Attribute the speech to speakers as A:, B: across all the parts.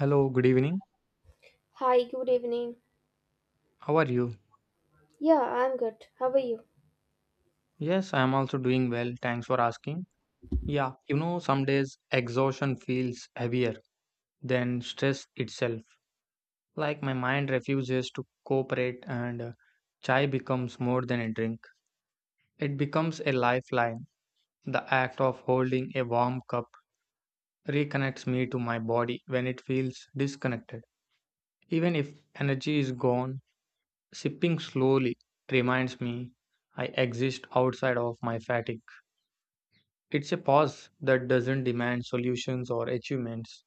A: Hello, good evening.
B: Hi, good evening.
A: How are you?
B: Yeah, I'm good. How are you?
A: Yes, I am also doing well. Thanks for asking. Yeah, you know, some days exhaustion feels heavier than stress itself. Like my mind refuses to cooperate, and chai becomes more than a drink. It becomes a lifeline. The act of holding a warm cup reconnects me to my body when it feels disconnected. Even if energy is gone, sipping slowly reminds me I exist outside of my fatigue. It's a pause that doesn't demand solutions or achievements.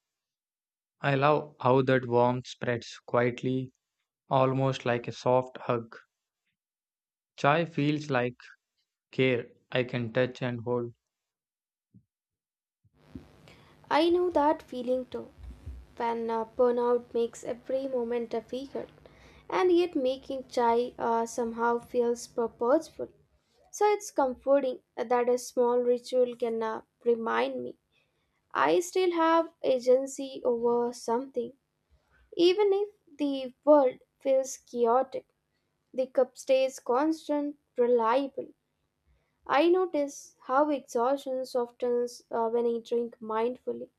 A: I love how that warmth spreads quietly, almost like a soft hug. Chai feels like care I can touch and hold.
B: I know that feeling too. When burnout makes every moment difficult, and yet making chai somehow feels purposeful. So it's comforting that a small ritual can remind me I still have agency over something. Even if the world feels chaotic, the cup stays constant, reliable. I notice how exhaustion softens when I drink mindfully.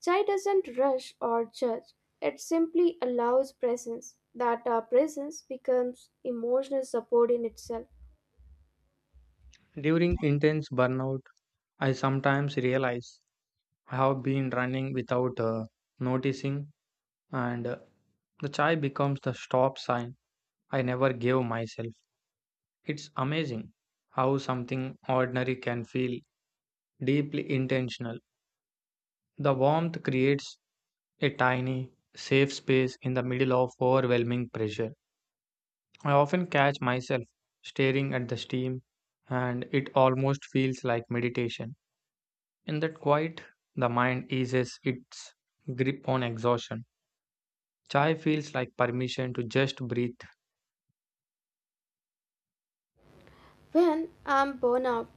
B: Chai doesn't rush or judge, it simply allows presence. That presence becomes emotional support in itself.
A: During intense burnout, I sometimes realize I have been running without noticing, and the chai becomes the stop sign I never gave myself. It's amazing how something ordinary can feel deeply intentional. The warmth creates a tiny, safe space in the middle of overwhelming pressure. I often catch myself staring at the steam, and it almost feels like meditation. In that quiet, the mind eases its grip on exhaustion. Chai feels like permission to just breathe.
B: When I'm burned out,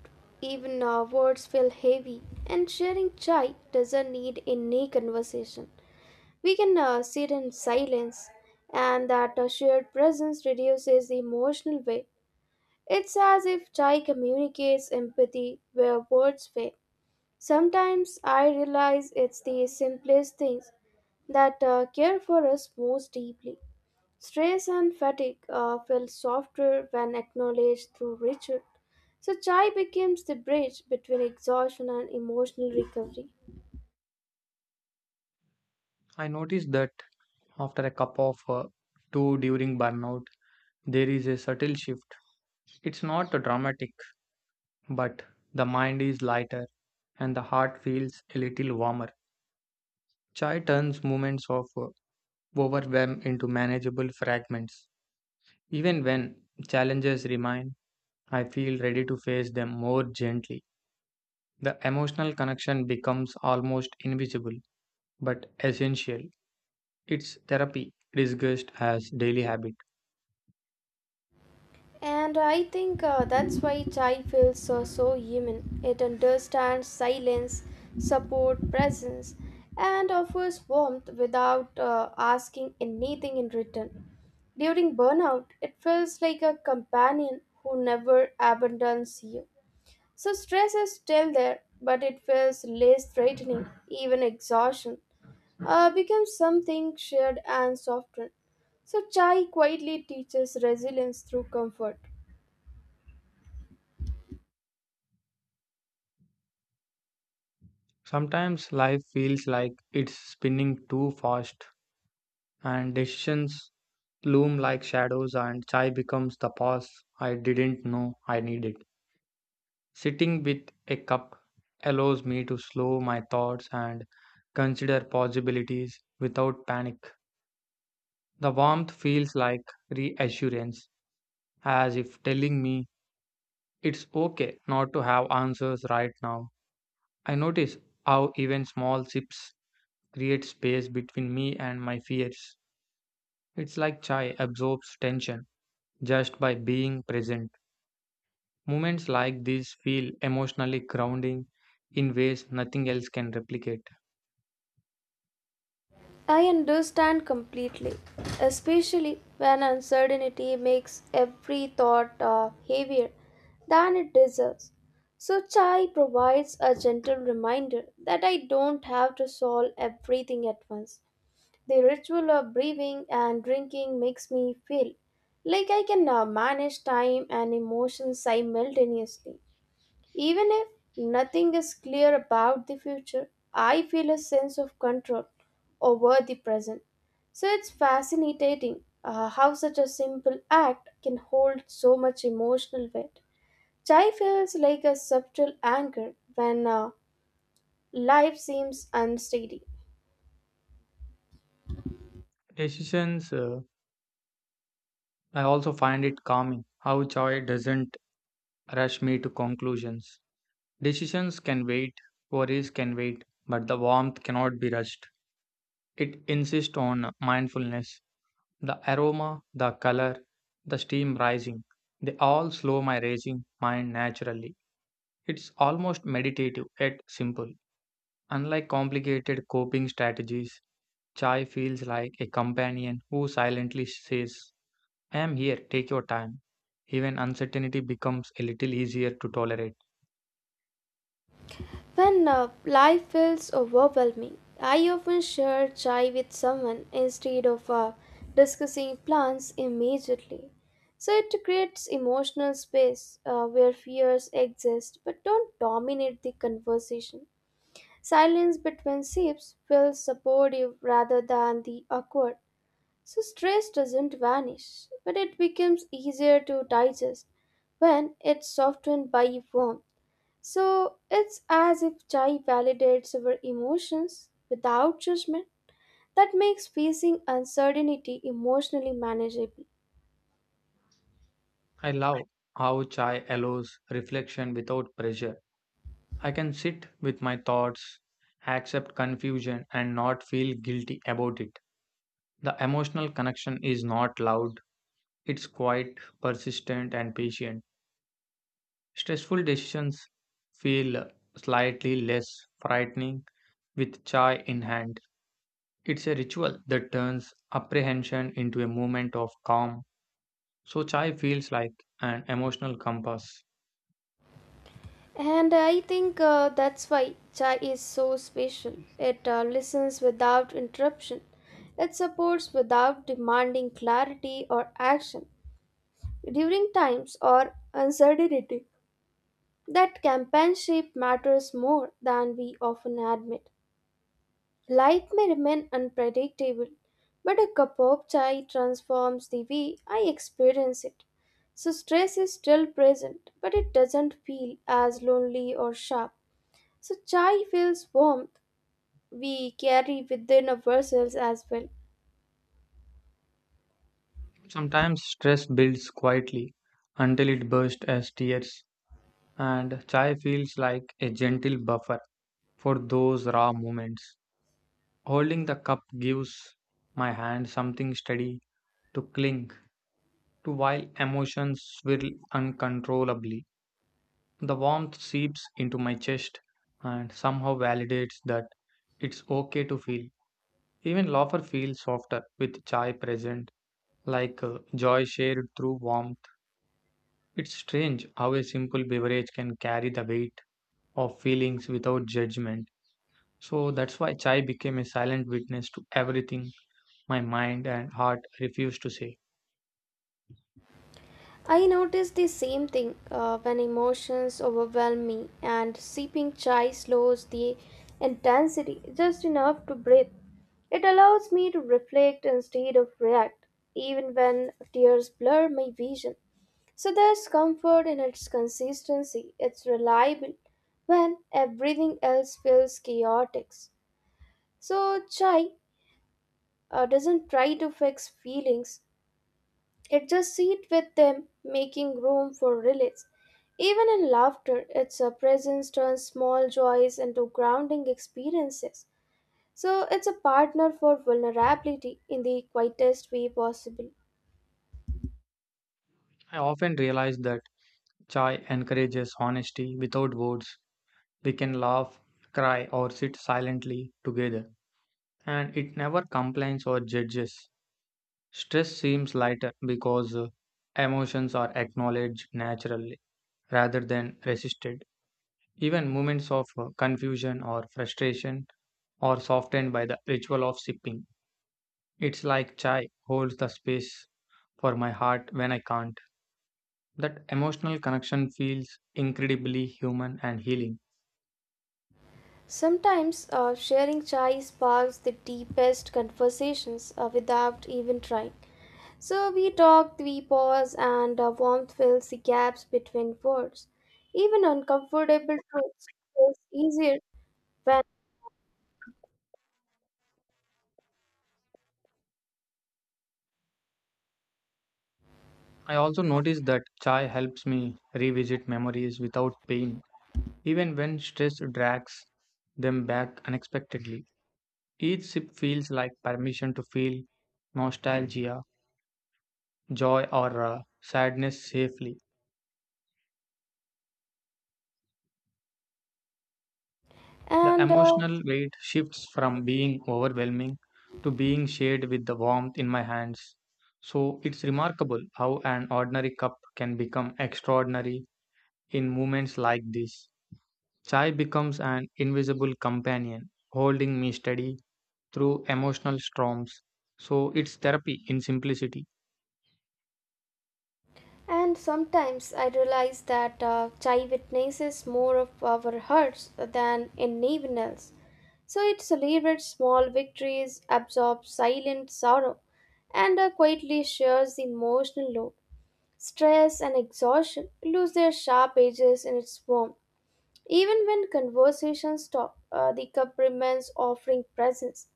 B: even words feel heavy, and sharing chai doesn't need any conversation. We can sit in silence, and that shared presence reduces the emotional weight. It's as if chai communicates empathy where words fail. Sometimes I realize it's the simplest things that care for us most deeply. Stress and fatigue feel softer when acknowledged through ritual. So, chai becomes the bridge between exhaustion and emotional recovery.
A: I notice that after a cup of two during burnout, there is a subtle shift. It's not dramatic, but the mind is lighter and the heart feels a little warmer. Chai turns moments of overwhelm into manageable fragments. Even when challenges remain, I feel ready to face them more gently. The emotional connection becomes almost invisible but essential. It's therapy disguised as daily habit.
B: And I think that's why chai feels so human. It understands silence, support, presence, and offers warmth without asking anything in return. During burnout, it feels like a companion who never abandons you. So stress is still there, but it feels less threatening. Even exhaustion becomes something shared and softened. So chai quietly teaches resilience through comfort.
A: Sometimes life feels like it's spinning too fast and decisions loom like shadows and chai becomes the pause I didn't know I needed. Sitting with a cup allows me to slow my thoughts and consider possibilities without panic. The warmth feels like reassurance, as if telling me it's okay not to have answers right now. I notice how even small sips create space between me and my fears. It's like chai absorbs tension just by being present. Moments like these feel emotionally grounding in ways nothing else can replicate.
B: I understand completely, especially when uncertainty makes every thought heavier than it deserves. So, chai provides a gentle reminder that I don't have to solve everything at once. The ritual of breathing and drinking makes me feel like I can manage time and emotions simultaneously. Even if nothing is clear about the future, I feel a sense of control over the present. So it's fascinating how such a simple act can hold so much emotional weight. Chai feels like a subtle anchor when life seems unsteady.
A: Decisions, uh, I also find it calming how joy doesn't rush me to conclusions. Decisions can wait, worries can wait, but the warmth cannot be rushed. It insists on mindfulness. The aroma, the color, the steam rising, they all slow my racing mind naturally. It's almost meditative yet simple. Unlike complicated coping strategies, chai feels like a companion who silently says, I'm here, take your time. Even uncertainty becomes a little easier to tolerate.
B: When life feels overwhelming, I often share chai with someone instead of discussing plans immediately. So it creates emotional space where fears exist but don't dominate the conversation. Silence between sips feels supportive rather than the awkward. So stress doesn't vanish, but it becomes easier to digest when it's softened by warmth. So it's as if chai validates our emotions without judgment. That makes facing uncertainty emotionally manageable.
A: I love how chai allows reflection without pressure. I can sit with my thoughts, accept confusion, and not feel guilty about it. The emotional connection is not loud, it's quite persistent and patient. Stressful decisions feel slightly less frightening with chai in hand. It's a ritual that turns apprehension into a moment of calm. So, chai feels like an emotional compass.
B: And I think that's why chai is so special. It listens without interruption. It supports without demanding clarity or action. During times or uncertainty, that companionship matters more than we often admit. Life may remain unpredictable, but a cup of chai transforms the way I experience it. So, stress is still present, but it doesn't feel as lonely or sharp. So, chai feels warmth we carry within ourselves as well.
A: Sometimes stress builds quietly until it bursts as tears, and chai feels like a gentle buffer for those raw moments. Holding the cup gives my hand something steady to cling to while emotions swirl uncontrollably. The warmth seeps into my chest and somehow validates that it's okay to feel. Even laughter feels softer with chai present, like joy shared through warmth. It's strange how a simple beverage can carry the weight of feelings without judgment. So that's why chai became a silent witness to everything my mind and heart refused to say.
B: I notice the same thing when emotions overwhelm me, and sipping chai slows the intensity just enough to breathe. It allows me to reflect instead of react, even when tears blur my vision. So there's comfort in its consistency, it's reliable when everything else feels chaotic. So, chai doesn't try to fix feelings, adjust seat with them, making room for relays. Even in laughter, its a presence turns small joys into grounding experiences. So it's a partner for vulnerability in the quietest way possible.
A: I often realize that chai encourages honesty without words. We can laugh, cry, or sit silently together, and it never complains or judges. Stress seems lighter because emotions are acknowledged naturally rather than resisted. Even moments of confusion or frustration are softened by the ritual of sipping. It's like chai holds the space for my heart when I can't. That emotional connection feels incredibly human and healing.
B: Sometimes sharing chai sparks the deepest conversations without even trying. So we talk, we pause, and warmth fills the gaps between words. Even uncomfortable truths feels easier when
A: I also notice that chai helps me revisit memories without pain, even when stress drags them back unexpectedly. Each sip feels like permission to feel nostalgia, joy, or sadness safely. The
B: and uh,
A: emotional weight shifts from being overwhelming to being shared with the warmth in my hands. So it's remarkable how an ordinary cup can become extraordinary in moments like this. Chai becomes an invisible companion, holding me steady through emotional storms. So it's therapy in simplicity.
B: and sometimes I realize that chai witnesses more of our hearts than anyone else. So it celebrates small victories, absorbs silent sorrow, and quietly shares the emotional load. Stress and exhaustion lose their sharp edges in its warmth. Even when conversations stop, the cup remains offering presence.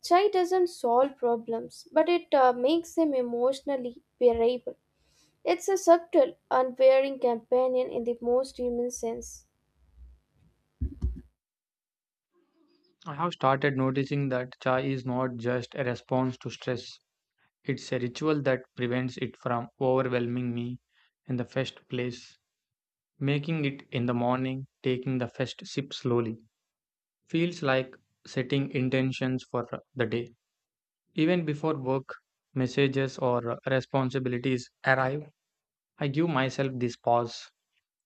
B: Chai doesn't solve problems, but it makes them emotionally bearable. It's a subtle, unwearing companion in the most human sense.
A: I have started noticing that chai is not just a response to stress, it's a ritual that prevents it from overwhelming me in the first place. Making it in the morning, taking the first sip slowly, feels like setting intentions for the day. Even before work, messages, or responsibilities arrive, I give myself this pause.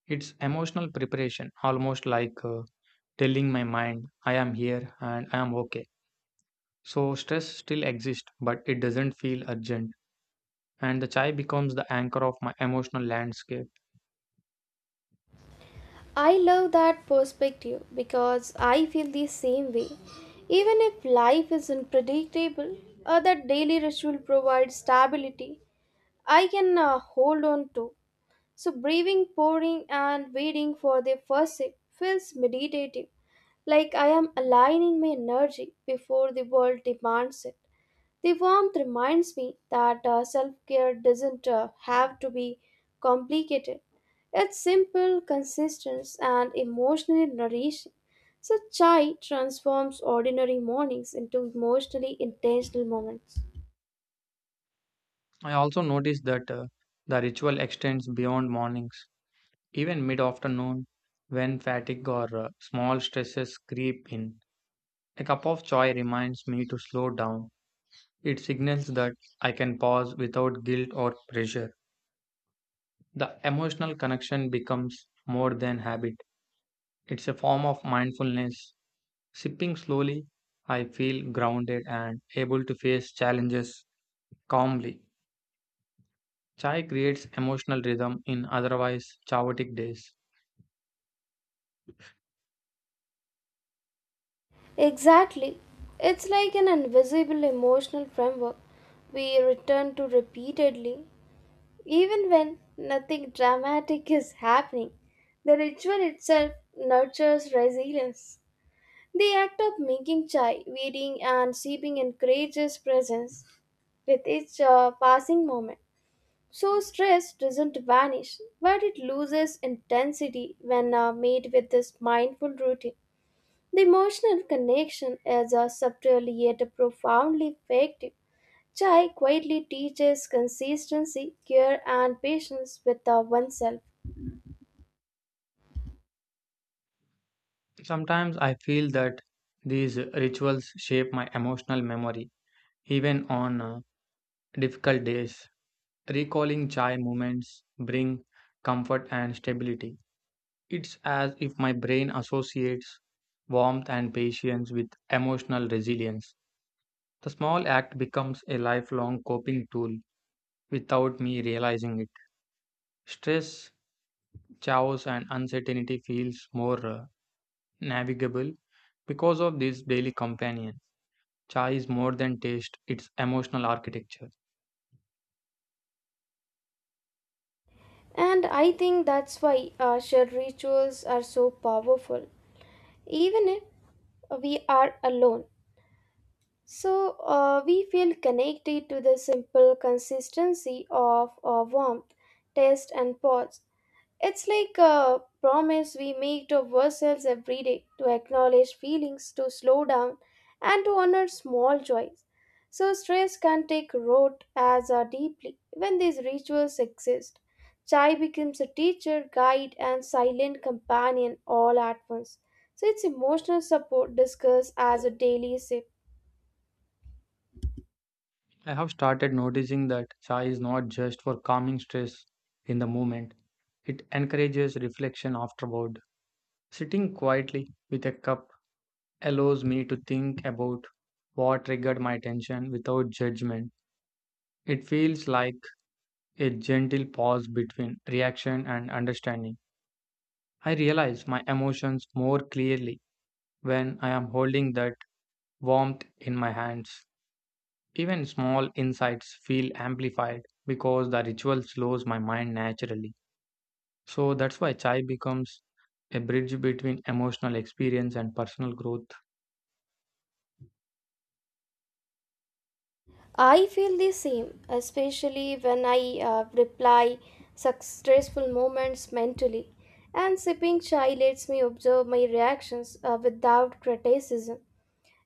A: It's emotional preparation, almost like telling my mind, I am here and I am okay. So, stress still exists, but it doesn't feel urgent. And the chai becomes the anchor of my emotional landscape.
B: I love that perspective because I feel the same way. Even if life is unpredictable, that daily ritual provides stability I can hold on to. So, breathing, pouring, and waiting for the first sip feels meditative, like I am aligning my energy before the world demands it. The warmth reminds me that self care doesn't have to be complicated. It's simple, consistent, and emotionally nourishing. So, chai transforms ordinary mornings into emotionally intentional moments.
A: I also notice that the ritual extends beyond mornings. Even mid afternoon, when fatigue or small stresses creep in, a cup of chai reminds me to slow down. It signals that I can pause without guilt or pressure. The emotional connection becomes more than habit, it's a form of mindfulness. Sipping slowly, I feel grounded and able to face challenges calmly. Chai creates emotional rhythm in otherwise chaotic days.
B: Exactly. It's like an invisible emotional framework we return to repeatedly. Even when nothing dramatic is happening, the ritual itself nurtures resilience. The act of making chai, waiting, and sipping encourages presence with each passing moment. So, stress doesn't vanish, but it loses intensity when made with this mindful routine. The emotional connection is a subtle yet profoundly effective. Chai quietly teaches consistency, care, and patience with oneself.
A: Sometimes I feel that these rituals shape my emotional memory, even on difficult days. Recalling chai moments bring comfort and stability. It's as if my brain associates warmth and patience with emotional resilience. The small act becomes a lifelong coping tool without me realizing it. Stress, chaos, and uncertainty feels more navigable because of this daily companion. Chai is more than taste, it's emotional architecture.
B: And I think that's why shared rituals are so powerful, even if we are alone. So we feel connected to the simple consistency of warmth, taste, and pause. It's like a promise we make to ourselves every day to acknowledge feelings, to slow down, and to honor small joys. So, stress can take root as deeply when these rituals exist. Chai becomes a teacher, guide, and silent companion all at once. So, its emotional support discussed as a daily sip.
A: I have started noticing that chai is not just for calming stress in the moment, it encourages reflection afterward. Sitting quietly with a cup allows me to think about what triggered my tension without judgment. It feels like a gentle pause between reaction and understanding. I realize my emotions more clearly when I am holding that warmth in my hands. Even small insights feel amplified because the ritual slows my mind naturally. So that's why chai becomes a bridge between emotional experience and personal growth.
B: I feel the same, especially when I reply such stressful moments mentally. And sipping chai lets me observe my reactions without criticism.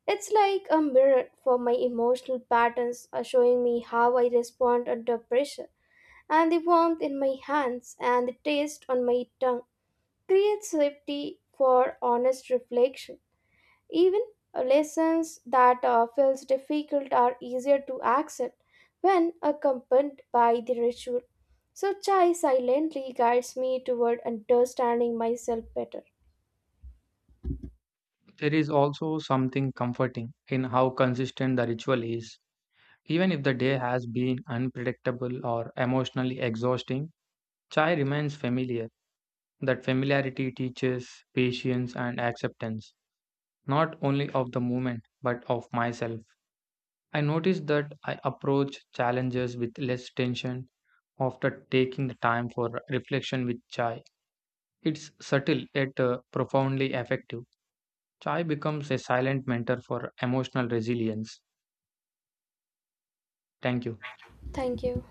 B: It's like a mirror for my emotional patterns, showing me how I respond under pressure. And the warmth in my hands and the taste on my tongue creates safety for honest reflection. Even lessons that feels difficult are easier to accept when accompanied by the ritual. So chai silently guides me toward understanding myself better.
A: There is also something comforting in how consistent the ritual is. Even if the day has been unpredictable or emotionally exhausting, chai remains familiar. That familiarity teaches patience and acceptance, not only of the moment, but of myself. I noticed that I approach challenges with less tension after taking the time for reflection with chai. It's subtle yet profoundly effective. Chai becomes a silent mentor for emotional resilience. Thank you.
B: Thank you.